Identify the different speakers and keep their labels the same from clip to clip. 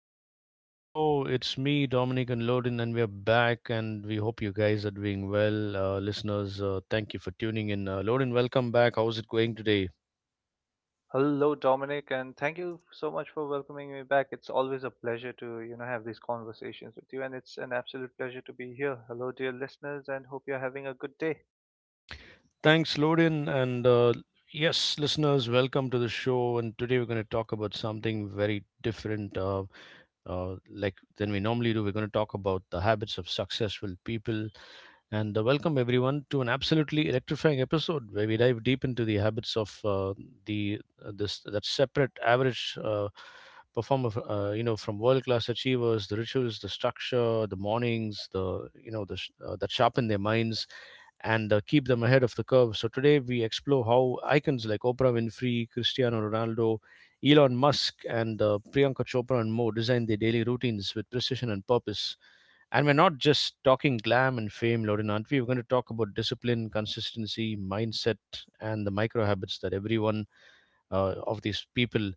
Speaker 1: the afternoon show. It's me, Dominic and Loden, and we're back. And we hope you guys are doing well, listeners. Thank you for tuning in. Loden, welcome back. How's it going today?
Speaker 2: Hello, Dominic, and thank you so much for welcoming me back. It's always a pleasure to, you know, have these conversations with you, and it's an absolute pleasure to be here. Hello, dear listeners, and hope you're having a good day.
Speaker 1: Thanks, Loden, and yes, listeners, welcome to the show. And today we're going to talk about something very different. Like than we normally do, we're going to talk about the habits of successful people. And welcome everyone to an absolutely electrifying episode where we dive deep into the habits of the this that separate average performer, you know, from world class achievers, the rituals, the structure, the mornings, the you know, that sharpen their minds and keep them ahead of the curve. So today we explore how icons like Oprah Winfrey, Cristiano Ronaldo, Elon Musk, and Priyanka Chopra and more design their daily routines with precision and purpose. And we're not just talking glam and fame, Lorin, aren't we? We're going to talk about discipline, consistency, mindset, and the micro habits that everyone of these people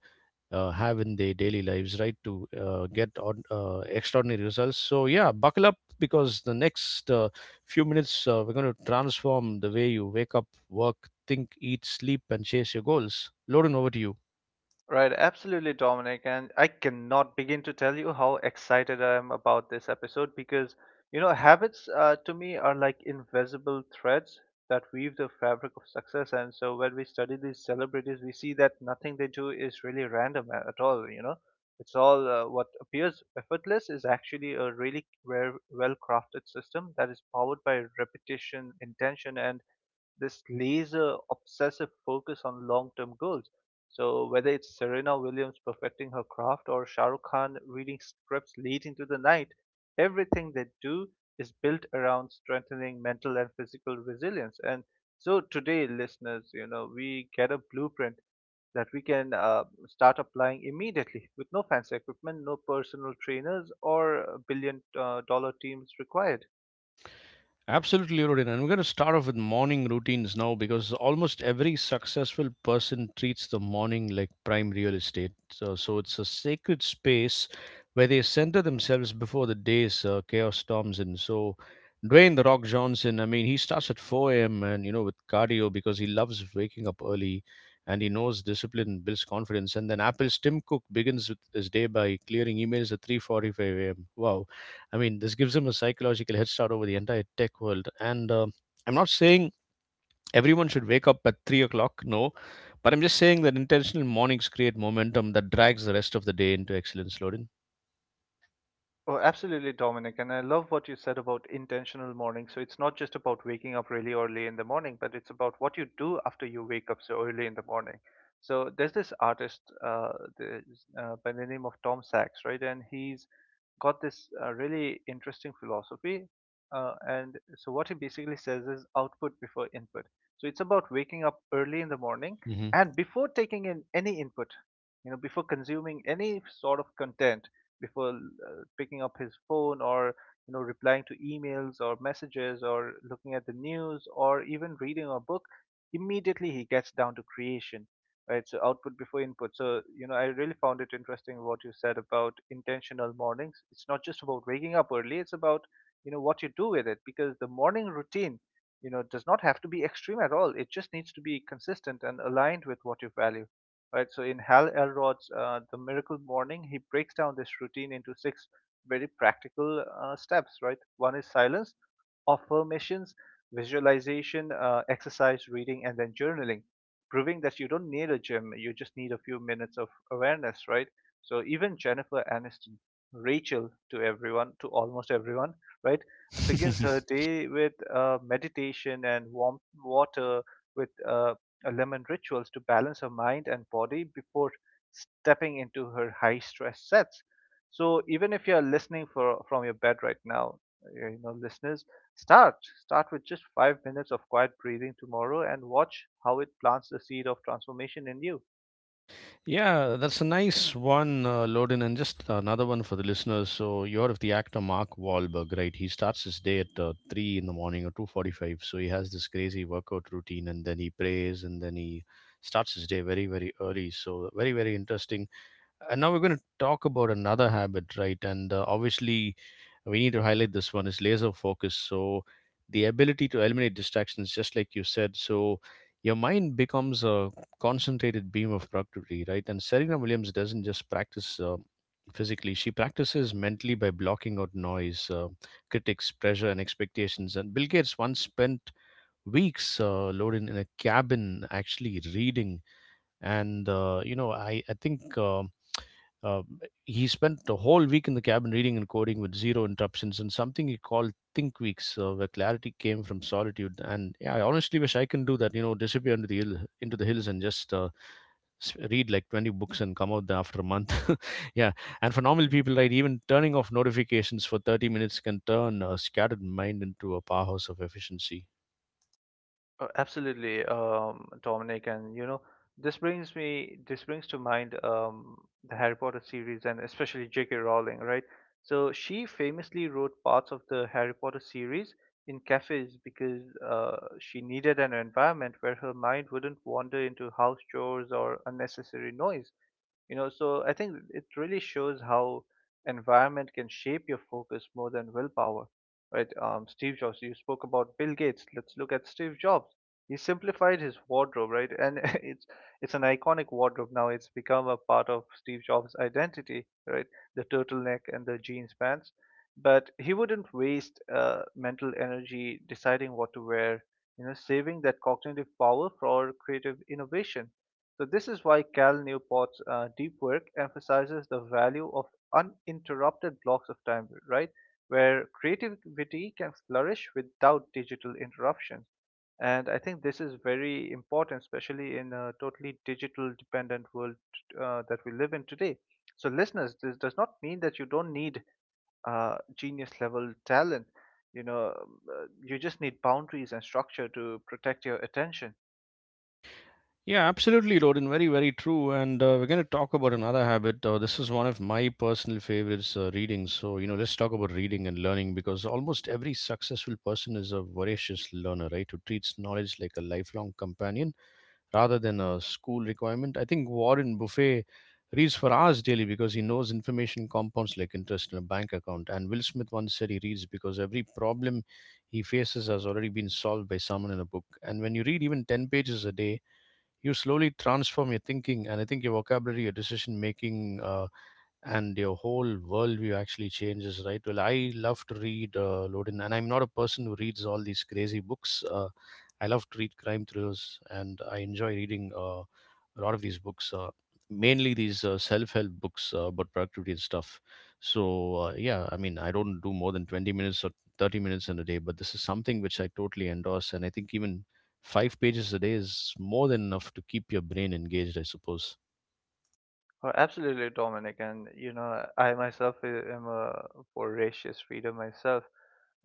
Speaker 1: have in their daily lives, right, to get on, extraordinary results. So, yeah, buckle up because the next few minutes we're going to transform the way you wake up, work, think, eat, sleep, and chase your goals. Lorin, over to you.
Speaker 2: Right, absolutely, Dominic. And I cannot begin to tell you how excited I am about this episode because, you know, habits to me are like invisible threads that weave the fabric of success. And so when we study these celebrities, we see that nothing they do is really random at all, you know. It's all what appears effortless is actually a really well crafted system that is powered by repetition, intention, and this laser obsessive focus on long-term goals. So whether it's Serena Williams perfecting her craft or Shah Rukh Khan reading scripts late into the night, everything they do is built around strengthening mental and physical resilience. And so today, listeners, you know, we get a blueprint that we can start applying immediately with no fancy equipment, no personal trainers, or billion dollar teams required.
Speaker 1: Absolutely, Rodin. And we're going to start off with morning routines now because almost every successful person treats the morning like prime real estate. So it's a sacred space where they center themselves before the day's chaos storms in. So, Dwayne the Rock Johnson, I mean, he starts at 4 a.m. and, you know, with cardio because he loves waking up early and he knows discipline builds confidence. And then Apple's Tim Cook begins with his day by clearing emails at 3:45 a.m. Wow. I mean, this gives them a psychological head start over the entire tech world. And I'm not saying everyone should wake up at 3 o'clock, no, but I'm just saying that intentional mornings create momentum that drags the rest of the day into excellence, Lorin.
Speaker 2: Oh, absolutely, Dominic. And I love what you said about intentional morning. So it's not just about waking up really early in the morning, but it's about what you do after you wake up so early in the morning. So there's this artist uh, the, by the name of Tom Sachs, right? And he's got this really interesting philosophy. And so what he basically says is output before input. So it's about waking up early in the morning
Speaker 1: Hmm.
Speaker 2: and before taking in any input, you know, before consuming any sort of content, before picking up his phone or you know replying to emails or messages or looking at the news or even reading a book, immediately he gets down to creation, right? So output before input. So, you know, I really found it interesting what you said about intentional mornings. It's not just about waking up early, it's about, you know, what you do with it because the morning routine, you know, does not have to be extreme at all. It just needs to be consistent and aligned with what you value, right? So in Hal Elrod's The Miracle Morning, he breaks down this routine into six very practical steps, right? One is silence, affirmations, visualization, exercise, reading, and then journaling, proving that you don't need a gym, you just need a few minutes of awareness, right? So even Jennifer Aniston, Rachel to everyone, to almost everyone, right, begins her day with meditation and warm water with a lemon rituals to balance her mind and body before stepping into her high stress sets. So even if you're listening for from your bed right now, you know, listeners, Start. Start with just 5 minutes of quiet breathing tomorrow and watch how it plants the seed of transformation in you.
Speaker 1: Yeah, that's a nice one, Loden, and just another one for the listeners. So you heard of the actor Mark Wahlberg, right? He starts his day at three in the morning or 2:45. So he has this crazy workout routine, and then he prays, and then he starts his day very, very early. So very, very interesting. And now we're going to talk about another habit, right? And obviously we need to highlight this one is laser focus. So the ability to eliminate distractions, just like you said. So your mind becomes a concentrated beam of productivity, right? And Serena Williams doesn't just practice physically, she practices mentally by blocking out noise, critics, pressure, and expectations. And Bill Gates once spent weeks loaded in a cabin actually reading and you know I think uh, he spent the whole week in the cabin reading and coding with zero interruptions and something he called think weeks, where clarity came from solitude. And yeah, I honestly wish I can do that, you know, disappear into hill, into the hills and just read like 20 books and come out there after a month. Yeah. And for normal people, right, even turning off notifications for 30 minutes can turn a scattered mind into a powerhouse of efficiency.
Speaker 2: Absolutely, Dominic, and you know this brings to mind the Harry Potter series and especially J.K. Rowling, right? So she famously wrote parts of the Harry Potter series in cafes because she needed an environment where her mind wouldn't wander into house chores or unnecessary noise. You know, so I think it really shows how environment can shape your focus more than willpower, right? Steve jobs, you spoke about Bill Gates, let's look at Steve Jobs. He simplified his wardrobe, right? And it's an iconic wardrobe now. It's become a part of Steve Jobs identity, right? The turtleneck and the jeans pants, but he wouldn't waste mental energy deciding what to wear, you know, saving that cognitive power for creative innovation. So this is why Cal Newport's deep work emphasizes the value of uninterrupted blocks of time, right? Where creativity can flourish without digital interruptions. And I think this is very important, especially in a totally digital dependent world that we live in today. So, listeners, this does not mean that you don't need genius level talent. You know, you just need boundaries and structure to protect your attention.
Speaker 1: Yeah, absolutely, Rodin. Very, very true. And we're going to talk about another habit. This is one of my personal favorites, reading. So, you know, let's talk about reading and learning because almost every successful person is a voracious learner, right? Who treats knowledge like a lifelong companion rather than a school requirement. I think Warren Buffet reads for hours daily because he knows information compounds like interest in a bank account. And Will Smith once said he reads because every problem he faces has already been solved by someone in a book. And when you read even 10 pages a day, you slowly transform your thinking and I think your vocabulary, your decision making, and your whole worldview actually changes, right? Well, I love to read Lodin, and I'm not a person who reads all these crazy books. I love to read crime thrillers, and I enjoy reading a lot of these books, mainly these self-help books about productivity and stuff. So yeah, I mean, I don't do more than 20 minutes or 30 minutes in a day, but this is something which I totally endorse, and I think even five pages a day is more than enough to keep your brain engaged, I suppose.
Speaker 2: Oh, absolutely, Dominic. And you know, I myself am a voracious reader myself,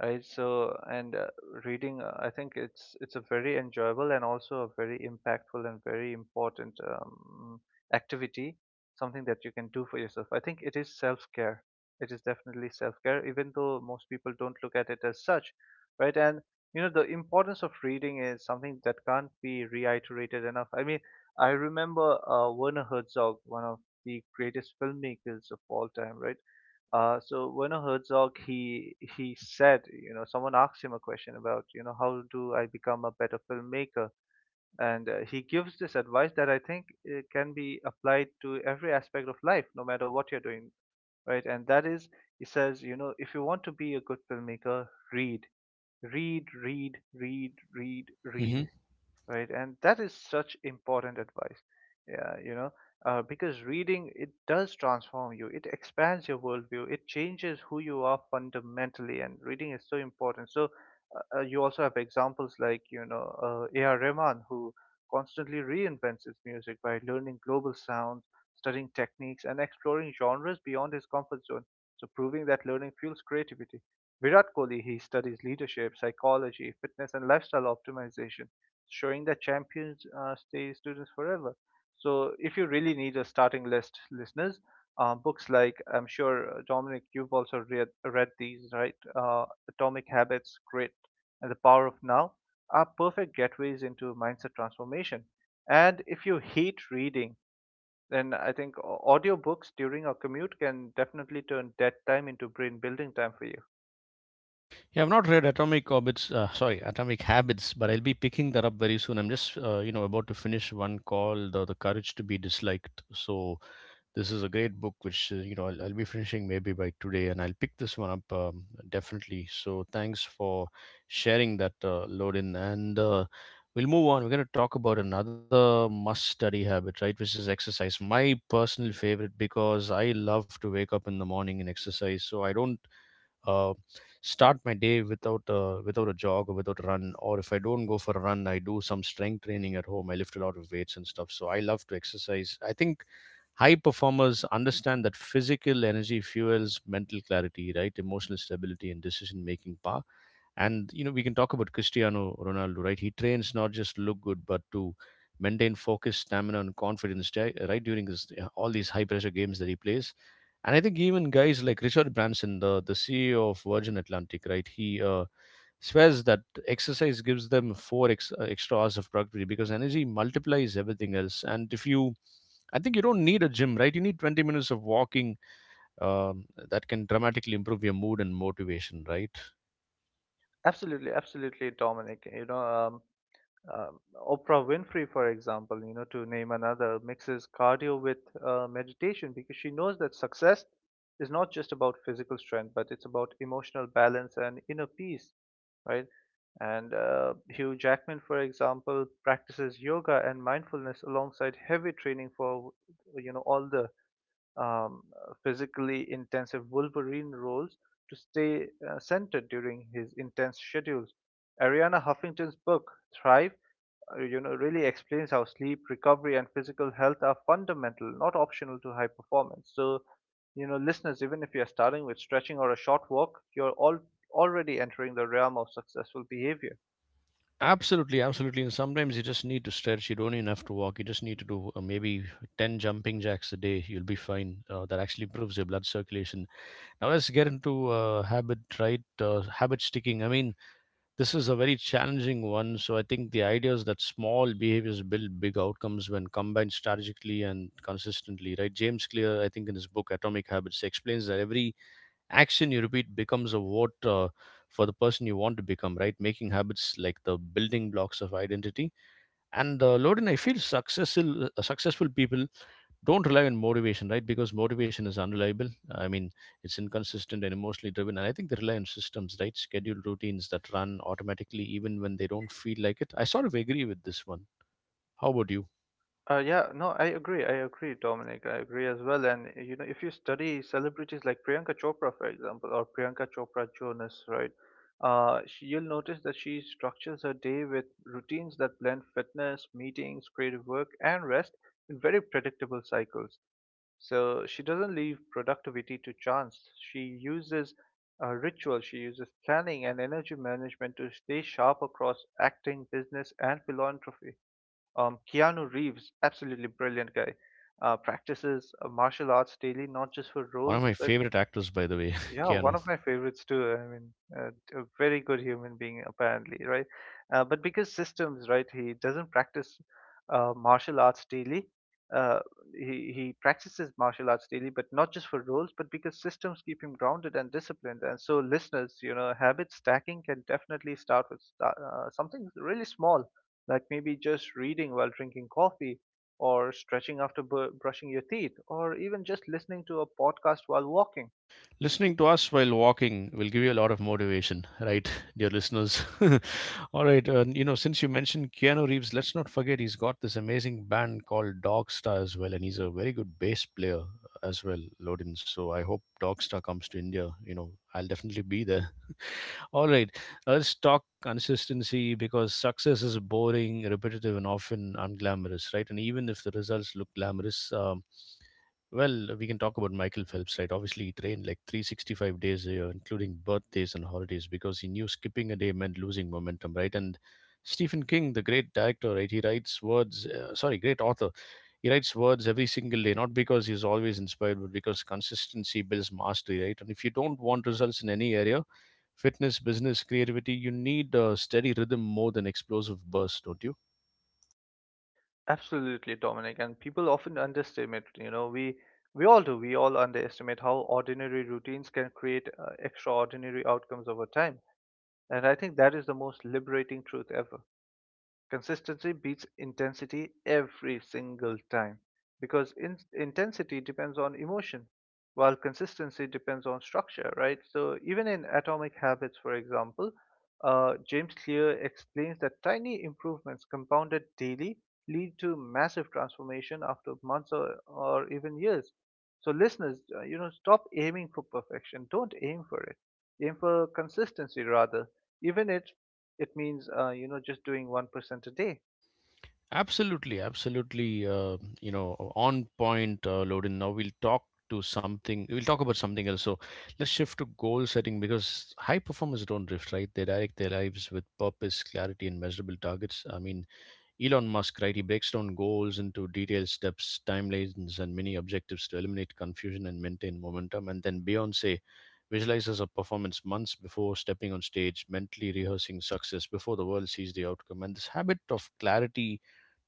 Speaker 2: right? So, and reading, I think it's a very enjoyable and also a very impactful and very important activity, something that you can do for yourself. I think it is self-care. It is definitely self-care, even though most people don't look at it as such, right? And you know, the importance of reading is something that can't be reiterated enough. I mean, I remember Werner Herzog, one of the greatest filmmakers of all time, right? So Werner Herzog, he said, you know, someone asked him a question about, you know, how do I become a better filmmaker? And he gives this advice that I think can be applied to every aspect of life, no matter what you're doing, right? And that is, he says, you know, if you want to be a good filmmaker, read, read, read, read, read, read, right? And that is such important advice. Yeah, you know, because reading it does transform you. It expands your worldview. It changes who you are fundamentally, and reading is so important. So you also have examples like you know A.R. Rahman, who constantly reinvents his music by learning global sounds, studying techniques, and exploring genres beyond his comfort zone. So proving that learning fuels creativity. Virat Kohli, he studies leadership, psychology, fitness, and lifestyle optimization, showing that champions stay students forever. So if you really need a starting list, listeners, books like, I'm sure Dominic, you've also read these, right? Atomic Habits, Grit, and The Power of Now are perfect gateways into mindset transformation. And if you hate reading, then I think audiobooks during a commute can definitely turn dead time into brain building time for you.
Speaker 1: Yeah, I've not read Atomic Orbits, sorry, Atomic Habits, but I'll be picking that up very soon. I'm just, you know, about to finish one called The Courage to be Disliked. So this is a great book, which, you know, I'll be finishing maybe by today, and I'll pick this one up definitely. So thanks for sharing that, Lorin. And we'll move on. We're going to talk about another must-study habit, right, which is exercise. My personal favorite because I love to wake up in the morning and exercise. So I don't uh, start my day without without a jog or without a run. Or if I don't go for a run, I do some strength training at home. I lift a lot of weights and stuff, so I love to exercise. I think high performers understand that physical energy fuels mental clarity, right? Emotional stability and decision making power. And you know, we can talk about Cristiano Ronaldo, right? He trains not just to look good, but to maintain focus, stamina, and confidence, right? During his, yeah, all these high pressure games that he plays. And I think even guys like Richard Branson, the CEO of Virgin Atlantic, right? He swears that exercise gives them four extra hours of productivity because energy multiplies everything else. And if you, I think you don't need a gym, right? You need 20 minutes of walking that can dramatically improve your mood and motivation, right?
Speaker 2: Absolutely, absolutely, Dominic. You know, um, um, Oprah Winfrey, for example, you know, to name another, mixes cardio with meditation because she knows that success is not just about physical strength, but it's about emotional balance and inner peace, right? And Hugh Jackman, for example, practices yoga and mindfulness alongside heavy training for, you know, all the um, physically intensive Wolverine roles to stay centered during his intense schedules. Ariana Huffington's book, Thrive, you know, really explains how sleep, recovery, and physical health are fundamental, not optional to high performance. So, you know, listeners, even if you're starting with stretching or a short walk, you're all already entering the realm of successful behavior.
Speaker 1: Absolutely, absolutely. And sometimes you just need to stretch. You don't even have to walk. You just need to do maybe 10 jumping jacks a day. You'll be fine. That actually improves your blood circulation. Now let's get into habit, right? Habit sticking. I mean, this is a very challenging one. So I think the idea is that small behaviors build big outcomes when combined strategically and consistently, right? James Clear, I think in his book Atomic Habits, explains that every action you repeat becomes a vote for the person you want to become, right? Making habits like the building blocks of identity. And Lodin, I feel successful people don't rely on motivation, right? Because motivation is unreliable. I mean, it's inconsistent and emotionally driven. And I think they rely on systems, right? Scheduled routines that run automatically even when they don't feel like it. I sort of agree with this one. How about you?
Speaker 2: Yeah, no, I agree. I agree, Dominic. I agree as well. And you know, if you study celebrities like Priyanka Chopra, for example, or Priyanka Chopra Jonas, right? She, you'll notice that she structures her day with routines that blend fitness, meetings, creative work, and rest in very predictable cycles. So she doesn't leave productivity to chance. She uses ritual, she uses planning and energy management to stay sharp across acting, business, and philanthropy. Keanu Reeves, absolutely brilliant guy, practices martial arts daily, not just for
Speaker 1: One of
Speaker 2: roles,
Speaker 1: my
Speaker 2: but
Speaker 1: favorite actors, by the way,
Speaker 2: yeah, one
Speaker 1: Keanu.
Speaker 2: of my favorites too. I mean, uh, a very good human being apparently, right? But because systems, right? He doesn't practice martial arts daily. Uh, he practices martial arts daily, but not just for roles, but because systems keep him grounded and disciplined. And so, listeners, you know, habit stacking can definitely start with sta something really small, like maybe just reading while drinking coffee, or stretching after br brushing your teeth, or even just listening to a podcast while walking.
Speaker 1: Listening to us while walking will give you a lot of motivation, right, dear listeners? All right, you know, since you mentioned Keanu Reeves, let's not forget he's got this amazing band called Dogstar as well, and he's a very good bass player as well, Lodin. So I hope Dogstar comes to India. You know, I'll definitely be there. All right, let's talk consistency because success is boring, repetitive, and often unglamorous, right? And even if the results look glamorous, well, we can talk about Michael Phelps, right? Obviously, he trained like 365 days a year, including birthdays and holidays, because he knew skipping a day meant losing momentum, right? And Stephen King, the great director, right? He writes words, sorry, great author. He writes words every single day, not because he's always inspired, but because consistency builds mastery, right? And if you don't want results in any area, fitness, business, creativity, you need a steady rhythm more than explosive bursts, don't you?
Speaker 2: Absolutely, Dominic, and people often underestimate, you know, we all do. We all underestimate how ordinary routines can create extraordinary outcomes over time. And I think that is the most liberating truth ever. Consistency beats intensity every single time because intensity depends on emotion while consistency depends on structure, right? So, even in Atomic Habits, for example, James Clear explains that tiny improvements compounded daily lead to massive transformation after months or even years. So, listeners, you know, stop aiming for perfection. Don't aim for it. Aim for consistency rather, even if it means you know just doing 1% a day.
Speaker 1: Absolutely, absolutely. You know, on point, Lodin. Now we'll talk to something. We'll talk about something else. So let's shift to goal setting because high performers don't drift, right? They direct their lives with purpose, clarity, and measurable targets. I mean, Elon Musk, right, he breaks down goals into detailed steps, timelines, and mini objectives to eliminate confusion and maintain momentum. And then Beyonce visualizes her performance months before stepping on stage, mentally rehearsing success before the world sees the outcome. And this habit of clarity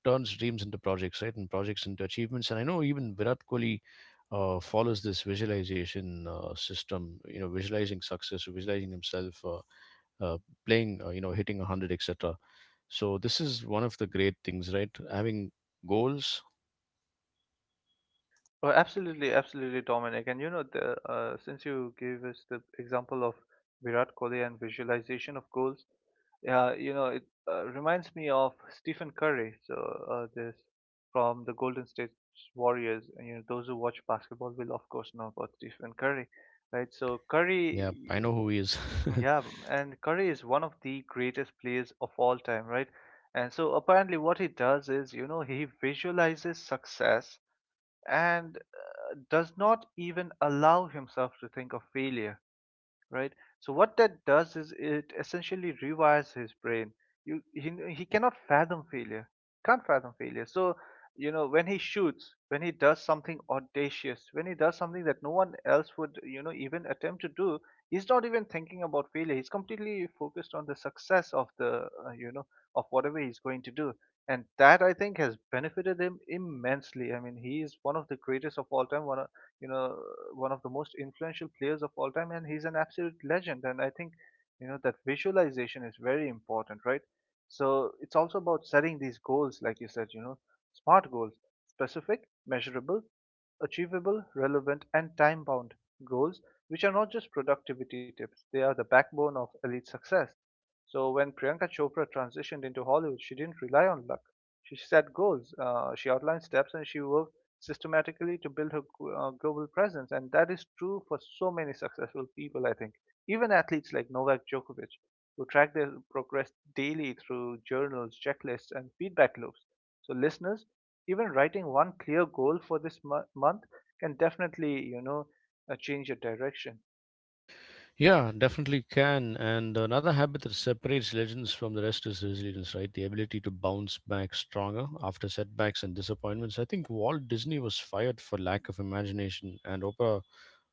Speaker 1: turns dreams into projects, right, and projects into achievements. And I know even Virat Kohli follows this visualization system, you know, visualizing success, visualizing himself uh, playing, you know, hitting 100, etc. So this is one of the great things, right? Having goals.
Speaker 2: Oh, absolutely, absolutely, Dominic. And you know the since you gave us the example of Virat Kohli and visualization of goals, yeah, you know it reminds me of Stephen Curry. So this from the Golden State Warriors, and you know those who watch basketball will of course know about Stephen Curry, right? So Curry.
Speaker 1: Yeah, I know who he is.
Speaker 2: Yeah, and Curry is one of the greatest players of all time, right? And so apparently, what he does is, you know, he visualizes success and does not even allow himself to think of failure, right? So what that does is it essentially rewires his brain. He cannot fathom failure. Can't fathom failure. So you know when he shoots, when he does something audacious, when he does something that no one else would, you know, even attempt to do, he's not even thinking about failure. He's completely focused on the success of the of whatever he's going to do. And that I think has benefited him immensely. I mean, he is one of the greatest of all time, you know, one of the most influential players of all time, and he's an absolute legend. And I think, you know, that visualization is very important, right? So it's also about setting these goals, like you said, you know, smart goals, specific, measurable, achievable, relevant, and time bound goals, which are not just productivity tips, they are the backbone of elite success. So when Priyanka Chopra transitioned into Hollywood, she didn't rely on luck. She set goals, she outlined steps, and she worked systematically to build her global presence. And that is true for so many successful people, I think. Even athletes like Novak Djokovic, who track their progress daily through journals, checklists, and feedback loops. So, listeners, even writing one clear goal for this month can definitely, you know, change your direction.
Speaker 1: Yeah, definitely can. And another habit that separates legends from the rest is resilience, right? The ability to bounce back stronger after setbacks and disappointments. I think Walt Disney was fired for lack of imagination, and Oprah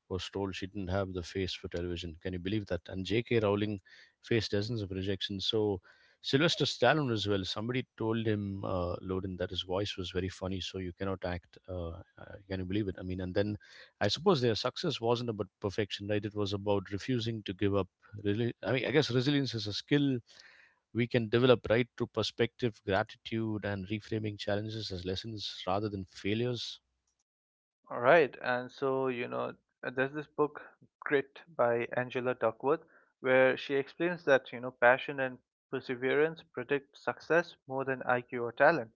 Speaker 1: was told she didn't have the face for television. Can you believe that? And J.K. Rowling faced dozens of rejections. So Sylvester Stallone as well. Somebody told him, Loden, that his voice was very funny, so you cannot act. Can you believe it? I mean, and then I suppose their success wasn't about perfection, right? It was about refusing to give up. Really, I mean, I guess resilience is a skill we can develop, right? Through perspective, gratitude, and reframing challenges as lessons rather than failures.
Speaker 2: All right, and so you know, there's this book Grit by Angela Duckworth, where she explains that you know passion and perseverance predict success more than IQ or talent,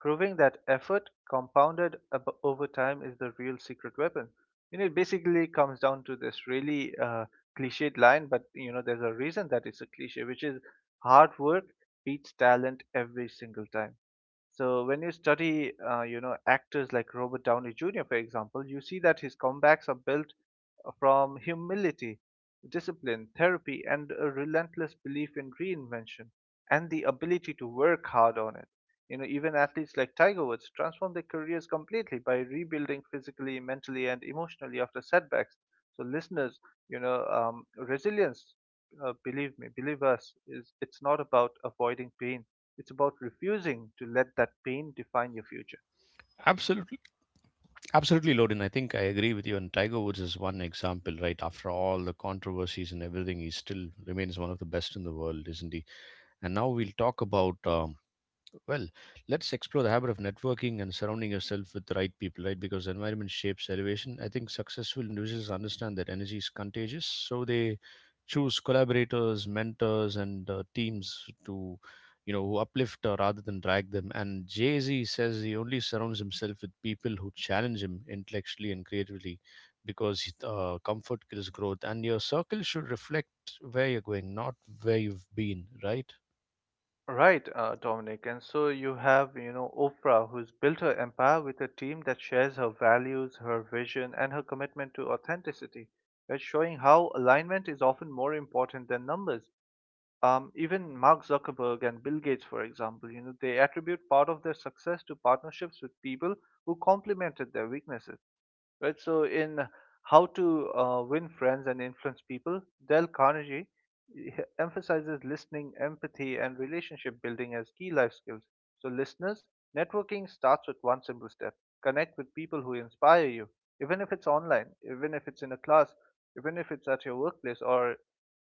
Speaker 2: proving that effort compounded over time is the real secret weapon. You know, it basically comes down to this really cliched line, but you know, there's a reason that it's a cliche, which is hard work beats talent every single time. So when you study, you know, actors like Robert Downey Jr., for example, you see that his comebacks are built from humility, discipline, therapy, and a relentless belief in reinvention and the ability to work hard on it. You know, even athletes like Tiger Woods transform their careers completely by rebuilding physically, mentally, and emotionally after setbacks. So, listeners, you know, resilience, believe me, believe us, is it's not about avoiding pain. It's about refusing to let that pain define your future.
Speaker 1: Absolutely, absolutely, Loden. I think I agree with you. And Tiger Woods is one example, right? After all the controversies and everything, he still remains one of the best in the world, isn't he? And now we'll talk about well, let's explore the habit of networking and surrounding yourself with the right people, right? Because environment shapes elevation. I think successful individuals understand that energy is contagious, so they choose collaborators, mentors, and teams to, you know, who uplift rather than drag them. And Jay Z says he only surrounds himself with people who challenge him intellectually and creatively, because comfort kills growth. And your circle should reflect where you're going, not where you've been, right?
Speaker 2: Right, Dominic. And so you have, you know, Oprah, who's built her empire with a team that shares her values, her vision, and her commitment to authenticity, right? Showing how alignment is often more important than numbers. Even Mark Zuckerberg and Bill Gates, for example, you know, they attribute part of their success to partnerships with people who complemented their weaknesses, right? So in How to Win Friends and Influence People, Dale Carnegie emphasizes listening, empathy, and relationship building as key life skills. So listeners, networking starts with one simple step: connect with people who inspire you, even if it's online, even if it's in a class, even if it's at your workplace, or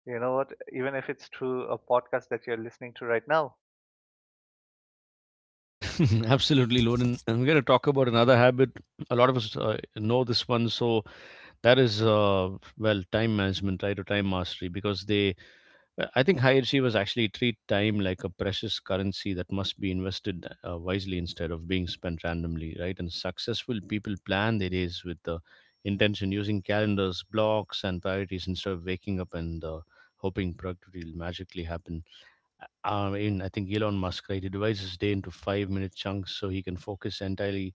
Speaker 2: you know what, even if it's through a podcast that you're listening to right now.
Speaker 1: Absolutely, Loden. And we're going to talk about another habit. A lot of us know this one. So that is, well, time management, right, or time mastery, because I think high achievers actually treat time like a precious currency that must be invested wisely instead of being spent randomly, right? And successful people plan their days with the intention, using calendars, blocks, and priorities instead of waking up and hoping productivity will magically happen. I mean, I think Elon Musk, right? He divides his day into five-minute chunks so he can focus entirely,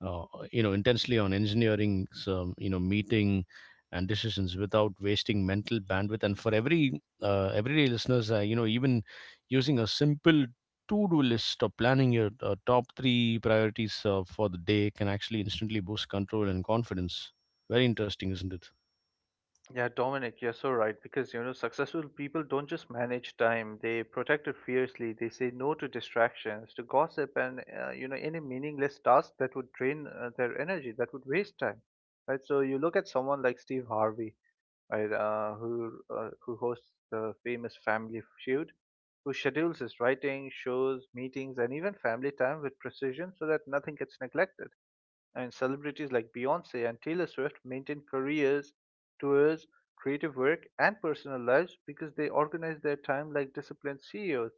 Speaker 1: uh, you know, intensely on engineering, some, you know, meeting and decisions without wasting mental bandwidth. And for every everyday listeners, you know, even using a simple to-do list or planning your top three priorities for the day can actually instantly boost control and confidence. Very interesting, isn't it?
Speaker 2: Yeah, Dominic, you're so right because you know successful people don't just manage time; they protect it fiercely. They say no to distractions, to gossip, and you know any meaningless task that would drain their energy, that would waste time. Right. So you look at someone like Steve Harvey, right, who hosts the famous Family Feud, who schedules his writing, shows, meetings, and even family time with precision so that nothing gets neglected, and celebrities like Beyonce and Taylor Swift maintain careers, tours, creative work, and personal lives because they organize their time like disciplined CEOs.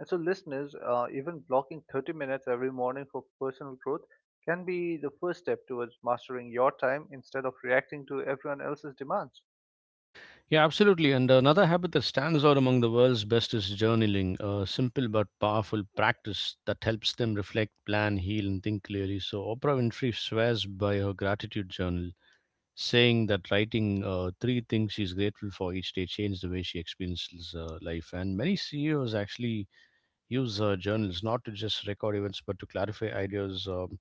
Speaker 2: And so, listeners, even blocking 30 minutes every morning for personal growth can be the first step towards mastering your time instead of reacting to everyone else's demands.
Speaker 1: Yeah, absolutely. And another habit that stands out among the world's best is journaling, a simple but powerful practice that helps them reflect, plan, heal, and think clearly. So, Oprah Winfrey swears by her gratitude journal, saying that writing three things she's grateful for each day changed the way she experiences life. And many CEOs actually use journals not to just record events, but to clarify ideas.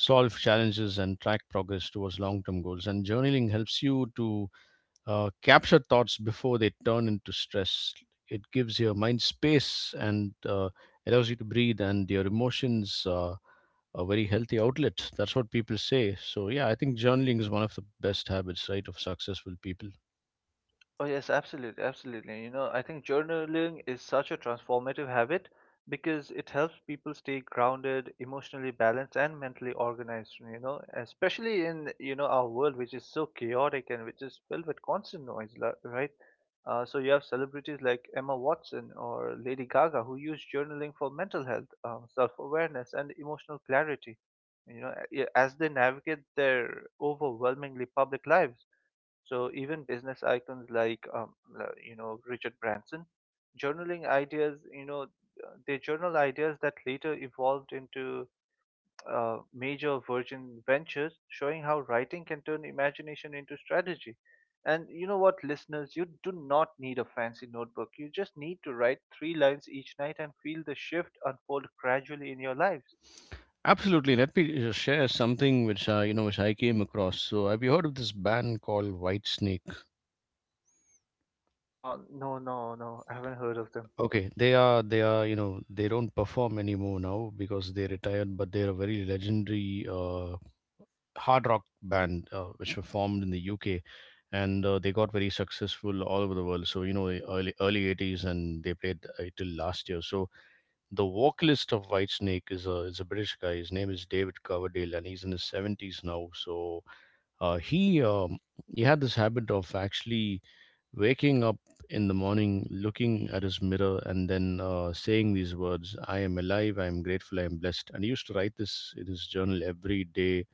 Speaker 1: Solve challenges and track progress towards long-term goals, and journaling helps you to capture thoughts before they turn into stress. It gives your mind space, and allows you to breathe, and your emotions a very healthy outlet. That's what people say. So, yeah, I think journaling is one of the best habits, right, of successful people.
Speaker 2: Oh yes, absolutely, absolutely. You know, I think journaling is such a transformative habit because it helps people stay grounded, emotionally balanced, and mentally organized, you know, especially in, you know, our world which is so chaotic and which is filled with constant noise, right? So you have celebrities like Emma Watson or Lady Gaga who use journaling for mental health, self-awareness, and emotional clarity, you know, as they navigate their overwhelmingly public lives. So even business icons like Richard Branson, journaling ideas, you know, they journal ideas that later evolved into major Virgin ventures, showing how writing can turn imagination into strategy. And you know what, listeners, you do not need a fancy notebook. You just need to write three lines each night and feel the shift unfold gradually in your lives.
Speaker 1: Absolutely. Let me share something which I, you know, which I came across. So, have you heard of this band called White Snake?
Speaker 2: No, no, no, I haven't heard of them.
Speaker 1: Okay, they are, you know, they don't perform anymore now because they retired, but they're a very legendary hard rock band which were formed in the UK, and they got very successful all over the world. So you know, the early eighties, and they played till last year. So the vocalist of Whitesnake is a British guy. His name is David Coverdale, and he's in his seventies now. So uh, he um, he had this habit of actually waking up in the morning, looking at his mirror, and then saying these words: "I am alive. I am grateful. I am blessed." And he used to write this in his journal every day,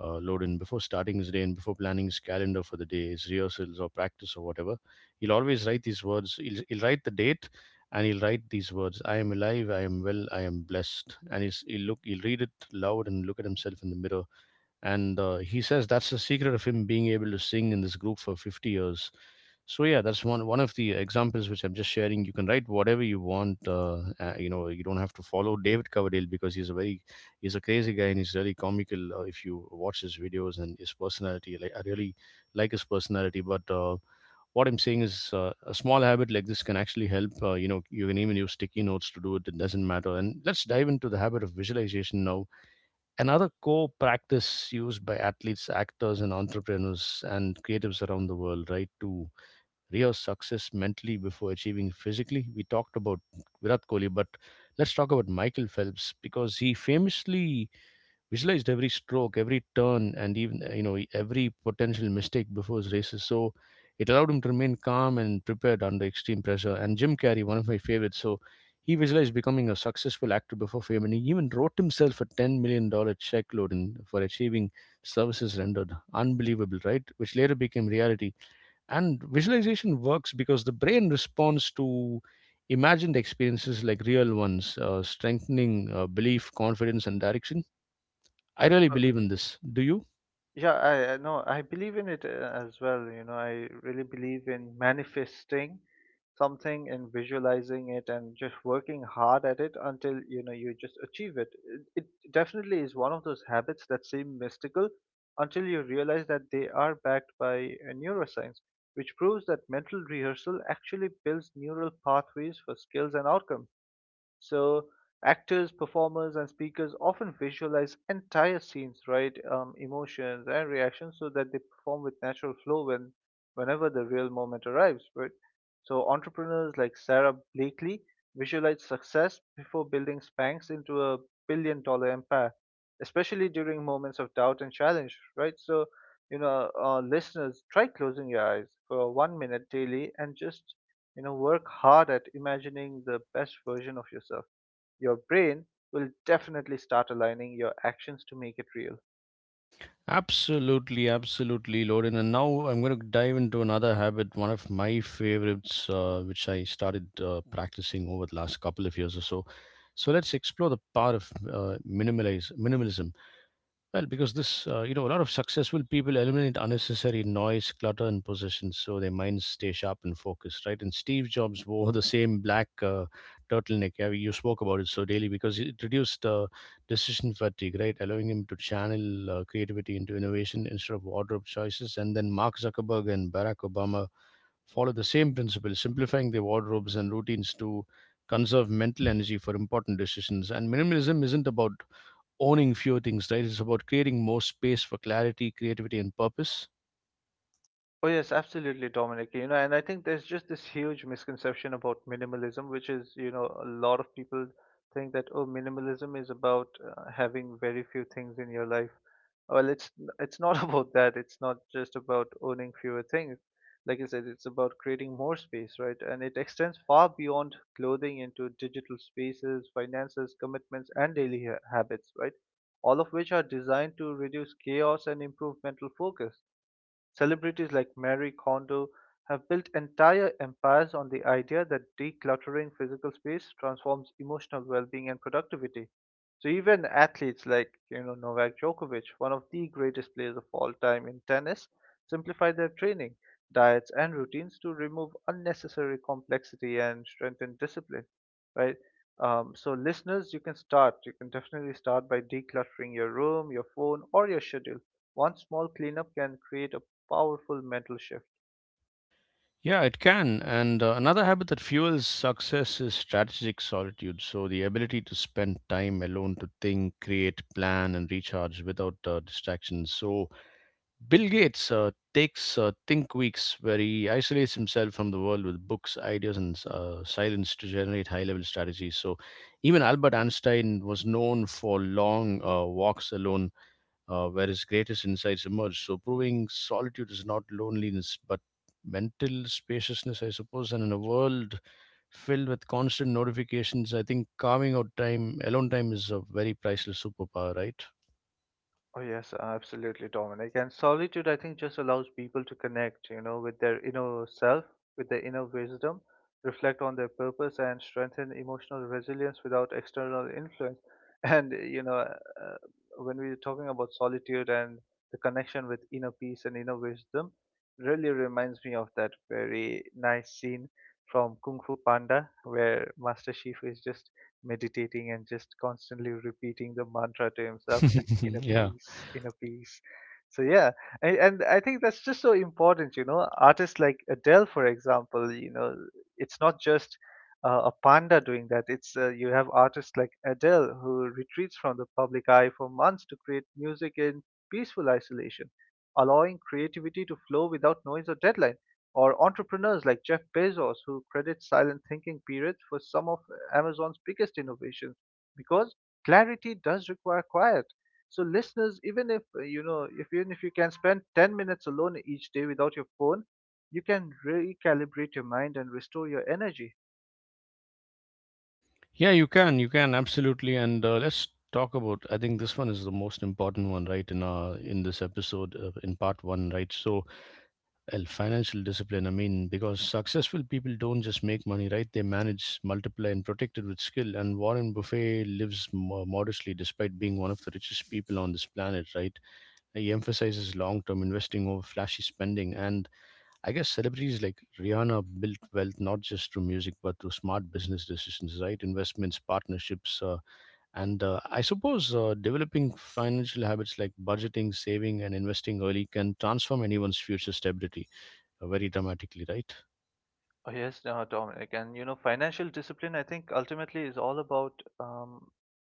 Speaker 1: load in before starting his day and before planning his calendar for the day, his rehearsals or practice or whatever. He'll always write these words. He'll write the date, and he'll write these words: I am alive, I am well, I am blessed. And he'll read it loud and look at himself in the mirror, and he says that's the secret of him being able to sing in this group for 50 years. So yeah, that's one of the examples which I'm just sharing. You can write whatever you want. You know, you don't have to follow David Coverdale, because he's a very, he's a crazy guy, and he's really comical if you watch his videos and his personality. Like, I really like his personality, but what I'm saying is, a small habit like this can actually help. You know, you can even use sticky notes to do it. It doesn't matter. And let's dive into the habit of visualization now. Another core practice used by athletes, actors, and entrepreneurs and creatives around the world, right, to rehearse success mentally before achieving physically. We talked about Virat Kohli, but let's talk about Michael Phelps, because he famously visualized every stroke, every turn, and even you know, every potential mistake before his races. So it allowed him to remain calm and prepared under extreme pressure. And Jim Carrey, one of my favorites, so he visualized becoming a successful actor before fame, and he even wrote himself a $10 million check, Loden, for achieving services rendered. Unbelievable, right? Which later became reality. And visualization works because the brain responds to imagined experiences like real ones, strengthening belief, confidence, and direction. I really believe in this. Do you?
Speaker 2: Yeah, I know. I believe in it as well. You know, I really believe in manifesting something and visualizing it and just working hard at it until, you know, you just achieve it. It definitely is one of those habits that seem mystical until you realize that they are backed by neuroscience, which proves that mental rehearsal actually builds neural pathways for skills and outcomes. So actors, performers, and speakers often visualize entire scenes, right, emotions and reactions, so that they perform with natural flow whenever the real moment arrives, right? So entrepreneurs like Sarah Blakely visualized success before building Spanx into a billion-dollar empire, especially during moments of doubt and challenge, right? So you know, listeners, try closing your eyes for 1 minute daily and just you know work hard at imagining the best version of yourself. Your brain will definitely start aligning your actions to make it real.
Speaker 1: Absolutely, absolutely, Lauren. And now I'm going to dive into another habit, one of my favorites, which I started practicing over the last couple of years or so. So let's explore the power of minimalism. Well, because this, you know, a lot of successful people eliminate unnecessary noise, clutter, and possessions, so their minds stay sharp and focused, right? And Steve Jobs wore the same black turtleneck. Yeah, you spoke about it, so daily because it reduced decision fatigue, right? Allowing him to channel creativity into innovation instead of wardrobe choices. And then Mark Zuckerberg and Barack Obama follow the same principle, simplifying their wardrobes and routines to conserve mental energy for important decisions. And minimalism isn't about owning fewer things, right? It's about creating more space for clarity, creativity, and purpose.
Speaker 2: Oh, yes, absolutely, Dominic. You know, and I think there's just this huge misconception about minimalism, which is, you know, a lot of people think that, oh, minimalism is about having very few things in your life. Well, it's not about that. It's not just about owning fewer things. Like I said, it's about creating more space, right? And it extends far beyond clothing into digital spaces, finances, commitments, and daily habits, right? All of which are designed to reduce chaos and improve mental focus. Celebrities like Marie Kondo have built entire empires on the idea that decluttering physical space transforms emotional well-being and productivity. So even athletes like, you know, Novak Djokovic, one of the greatest players of all time in tennis, simplify their training, diets and routines to remove unnecessary complexity and strengthen discipline, right? So listeners, you can start. You can definitely start by decluttering your room, your phone, or your schedule. One small cleanup can create a powerful mental shift.
Speaker 1: Yeah, it can. And another habit that fuels success is strategic solitude. So, the ability to spend time alone to think, create, plan, and recharge without distractions. So, Bill Gates takes think weeks where he isolates himself from the world with books, ideas, and silence to generate high level strategies. So, even Albert Einstein was known for long walks alone where his greatest insights emerge. So, proving solitude is not loneliness, but mental spaciousness, I suppose. And in a world filled with constant notifications, I think carving out time, alone time, is a very priceless superpower, right?
Speaker 2: Oh, yes, absolutely, Dominic. And solitude, I think, just allows people to connect, you know, with their inner self, with their inner wisdom, reflect on their purpose, and strengthen emotional resilience without external influence. And, you know, when we're talking about solitude and the connection with inner peace and inner wisdom, really reminds me of that very nice scene from Kung Fu Panda, where Master Shifu is just meditating and just constantly repeating the mantra to himself, like inner
Speaker 1: Yeah.
Speaker 2: peace, inner peace. So yeah, and I think that's just so important, you know. Artists like Adele, for example, you know, it's not just a panda doing that. It's you have artists like Adele who retreats from the public eye for months to create music in peaceful isolation, allowing creativity to flow without noise or deadline. Or entrepreneurs like Jeff Bezos who credits silent thinking periods for some of Amazon's biggest innovation, because clarity does require quiet. So listeners, even if you can spend 10 minutes alone each day without your phone, you can recalibrate your mind and restore your energy.
Speaker 1: Yeah, you can absolutely. And let's talk about. I think this one is the most important one, right? In our, in this episode, in part one, right? So, well, financial discipline. I mean, because successful people don't just make money, right? They manage, multiply, and protect it with skill. And Warren Buffet lives modestly despite being one of the richest people on this planet, right? He emphasizes long term investing over flashy spending. And I guess celebrities like Rihanna built wealth not just through music, but through smart business decisions, right? Investments, partnerships, and I suppose developing financial habits like budgeting, saving, and investing early can transform anyone's future stability very dramatically, right?
Speaker 2: Oh, yes, Dominic. And you know, financial discipline, I think, ultimately is all about um,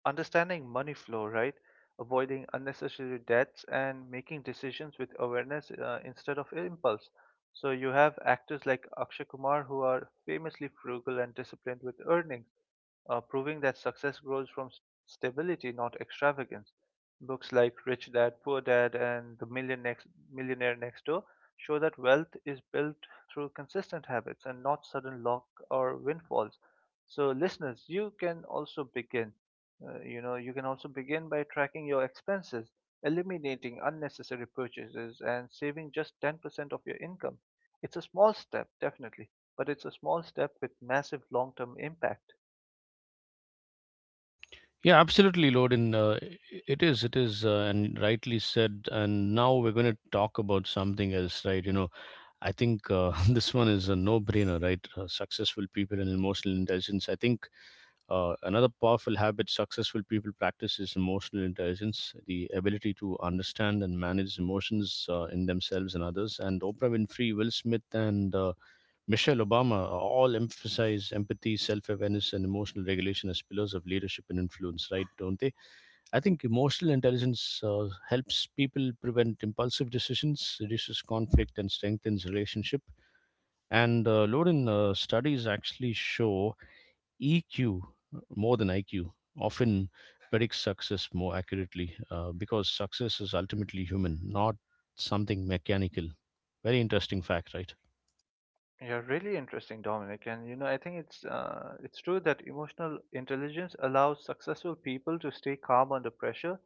Speaker 2: understanding money flow, right? Avoiding unnecessary debts and making decisions with awareness instead of impulse. So you have actors like Akshay Kumar who are famously frugal and disciplined with earnings, proving that success grows from stability, not extravagance. Books like Rich Dad, Poor Dad, and Millionaire Next Door show that wealth is built through consistent habits and not sudden luck or windfalls. So, listeners, you can also begin by tracking your expenses, eliminating unnecessary purchases, and saving just 10% of your income. It's a small step, definitely, but it's a small step with massive long term impact.
Speaker 1: Yeah, absolutely, Lodin. It is, it is, and rightly said. And now we're going to talk about something else, right? You know, I think this one is a no-brainer, right? Successful people and emotional intelligence. I think another powerful habit successful people practice is emotional intelligence, the ability to understand and manage emotions in themselves and others. And Oprah Winfrey, Will Smith, and Michelle Obama all emphasize empathy, self awareness, and emotional regulation as pillars of leadership and influence, right? Don't they? I think emotional intelligence helps people prevent impulsive decisions, reduces conflict, and strengthens relationship. And Lauren, studies actually show EQ more than IQ often predicts success more accurately because success is ultimately human, not something mechanical. Very interesting fact, right?
Speaker 2: Yeah, really interesting, Dominic. And you know, I think it's true that emotional intelligence allows successful people to stay calm under pressure,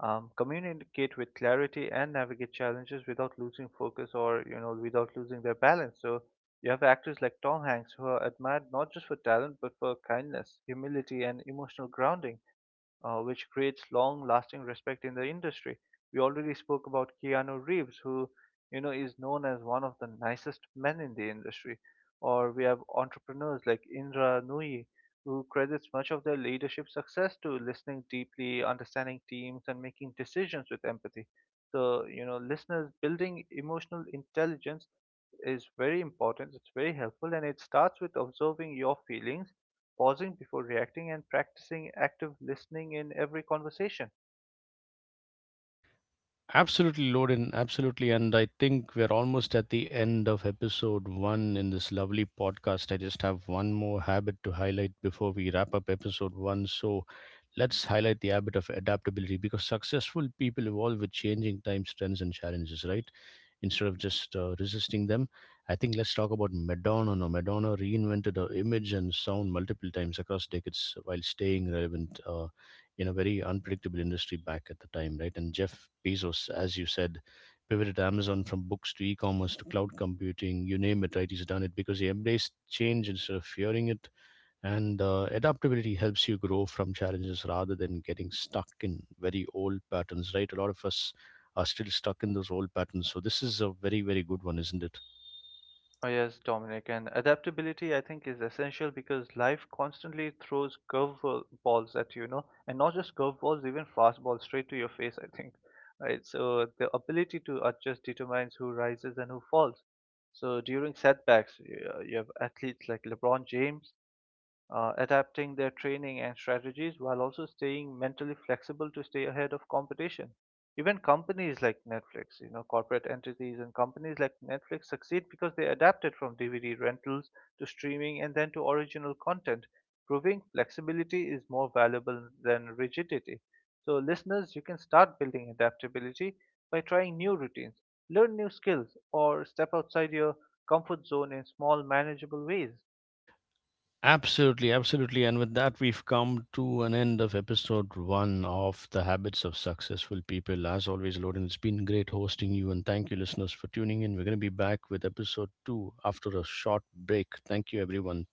Speaker 2: communicate with clarity, and navigate challenges without losing focus or you know without losing their balance. So you have actors like Tom Hanks who are admired not just for talent but for kindness, humility, and emotional grounding, which creates long lasting respect in the industry. We already spoke about Keanu Reeves, who you know is known as one of the nicest men in the industry. Or we have entrepreneurs like Indra Nooyi, who credits much of their leadership success to listening deeply, understanding teams, and making decisions with empathy. So, you know, listeners, building emotional intelligence is very important, it's very helpful, and it starts with observing your feelings, pausing before reacting, and practicing active listening in every conversation.
Speaker 1: Absolutely, Loden. Absolutely. And I think we're almost at the end of episode one in this lovely podcast. I just have one more habit to highlight before we wrap up episode one. So let's highlight the habit of adaptability because successful people evolve with changing times, trends, and challenges, right? Instead of just resisting them. I think let's talk about Madonna. Now, Madonna reinvented her image and sound multiple times across decades while staying relevant in a very unpredictable industry back at the time, right? And Jeff Bezos, as you said, pivoted Amazon from books to e-commerce to cloud computing. You name it, right? He's done it because he embraced change instead of fearing it, and adaptability helps you grow from challenges rather than getting stuck in very old patterns, right? A lot of us are still stuck in those old patterns. So, this is a very, very good one, isn't it?
Speaker 2: Oh, yes, Dominic, and adaptability I think is essential because life constantly throws curveballs at you, you know, and not just curveballs, even fastballs straight to your face, I think. Right, so the ability to adjust determines who rises and who falls. So during setbacks, you have athletes like LeBron James adapting their training and strategies while also staying mentally flexible to stay ahead of competition. Even companies like Netflix, you know, corporate entities and companies like Netflix succeed because they adapted from DVD rentals to streaming and then to original content, proving flexibility is more valuable than rigidity. So, listeners, you can start building adaptability by trying new routines, learn new skills, or step outside your comfort zone in small, manageable ways.
Speaker 1: Absolutely, absolutely. And with that, we've come to an end of episode one of The Habits of Successful People. As always, Loden, it's been great hosting you. And thank you, listeners, for tuning in. We're going to be back with episode two after a short break. Thank you, everyone.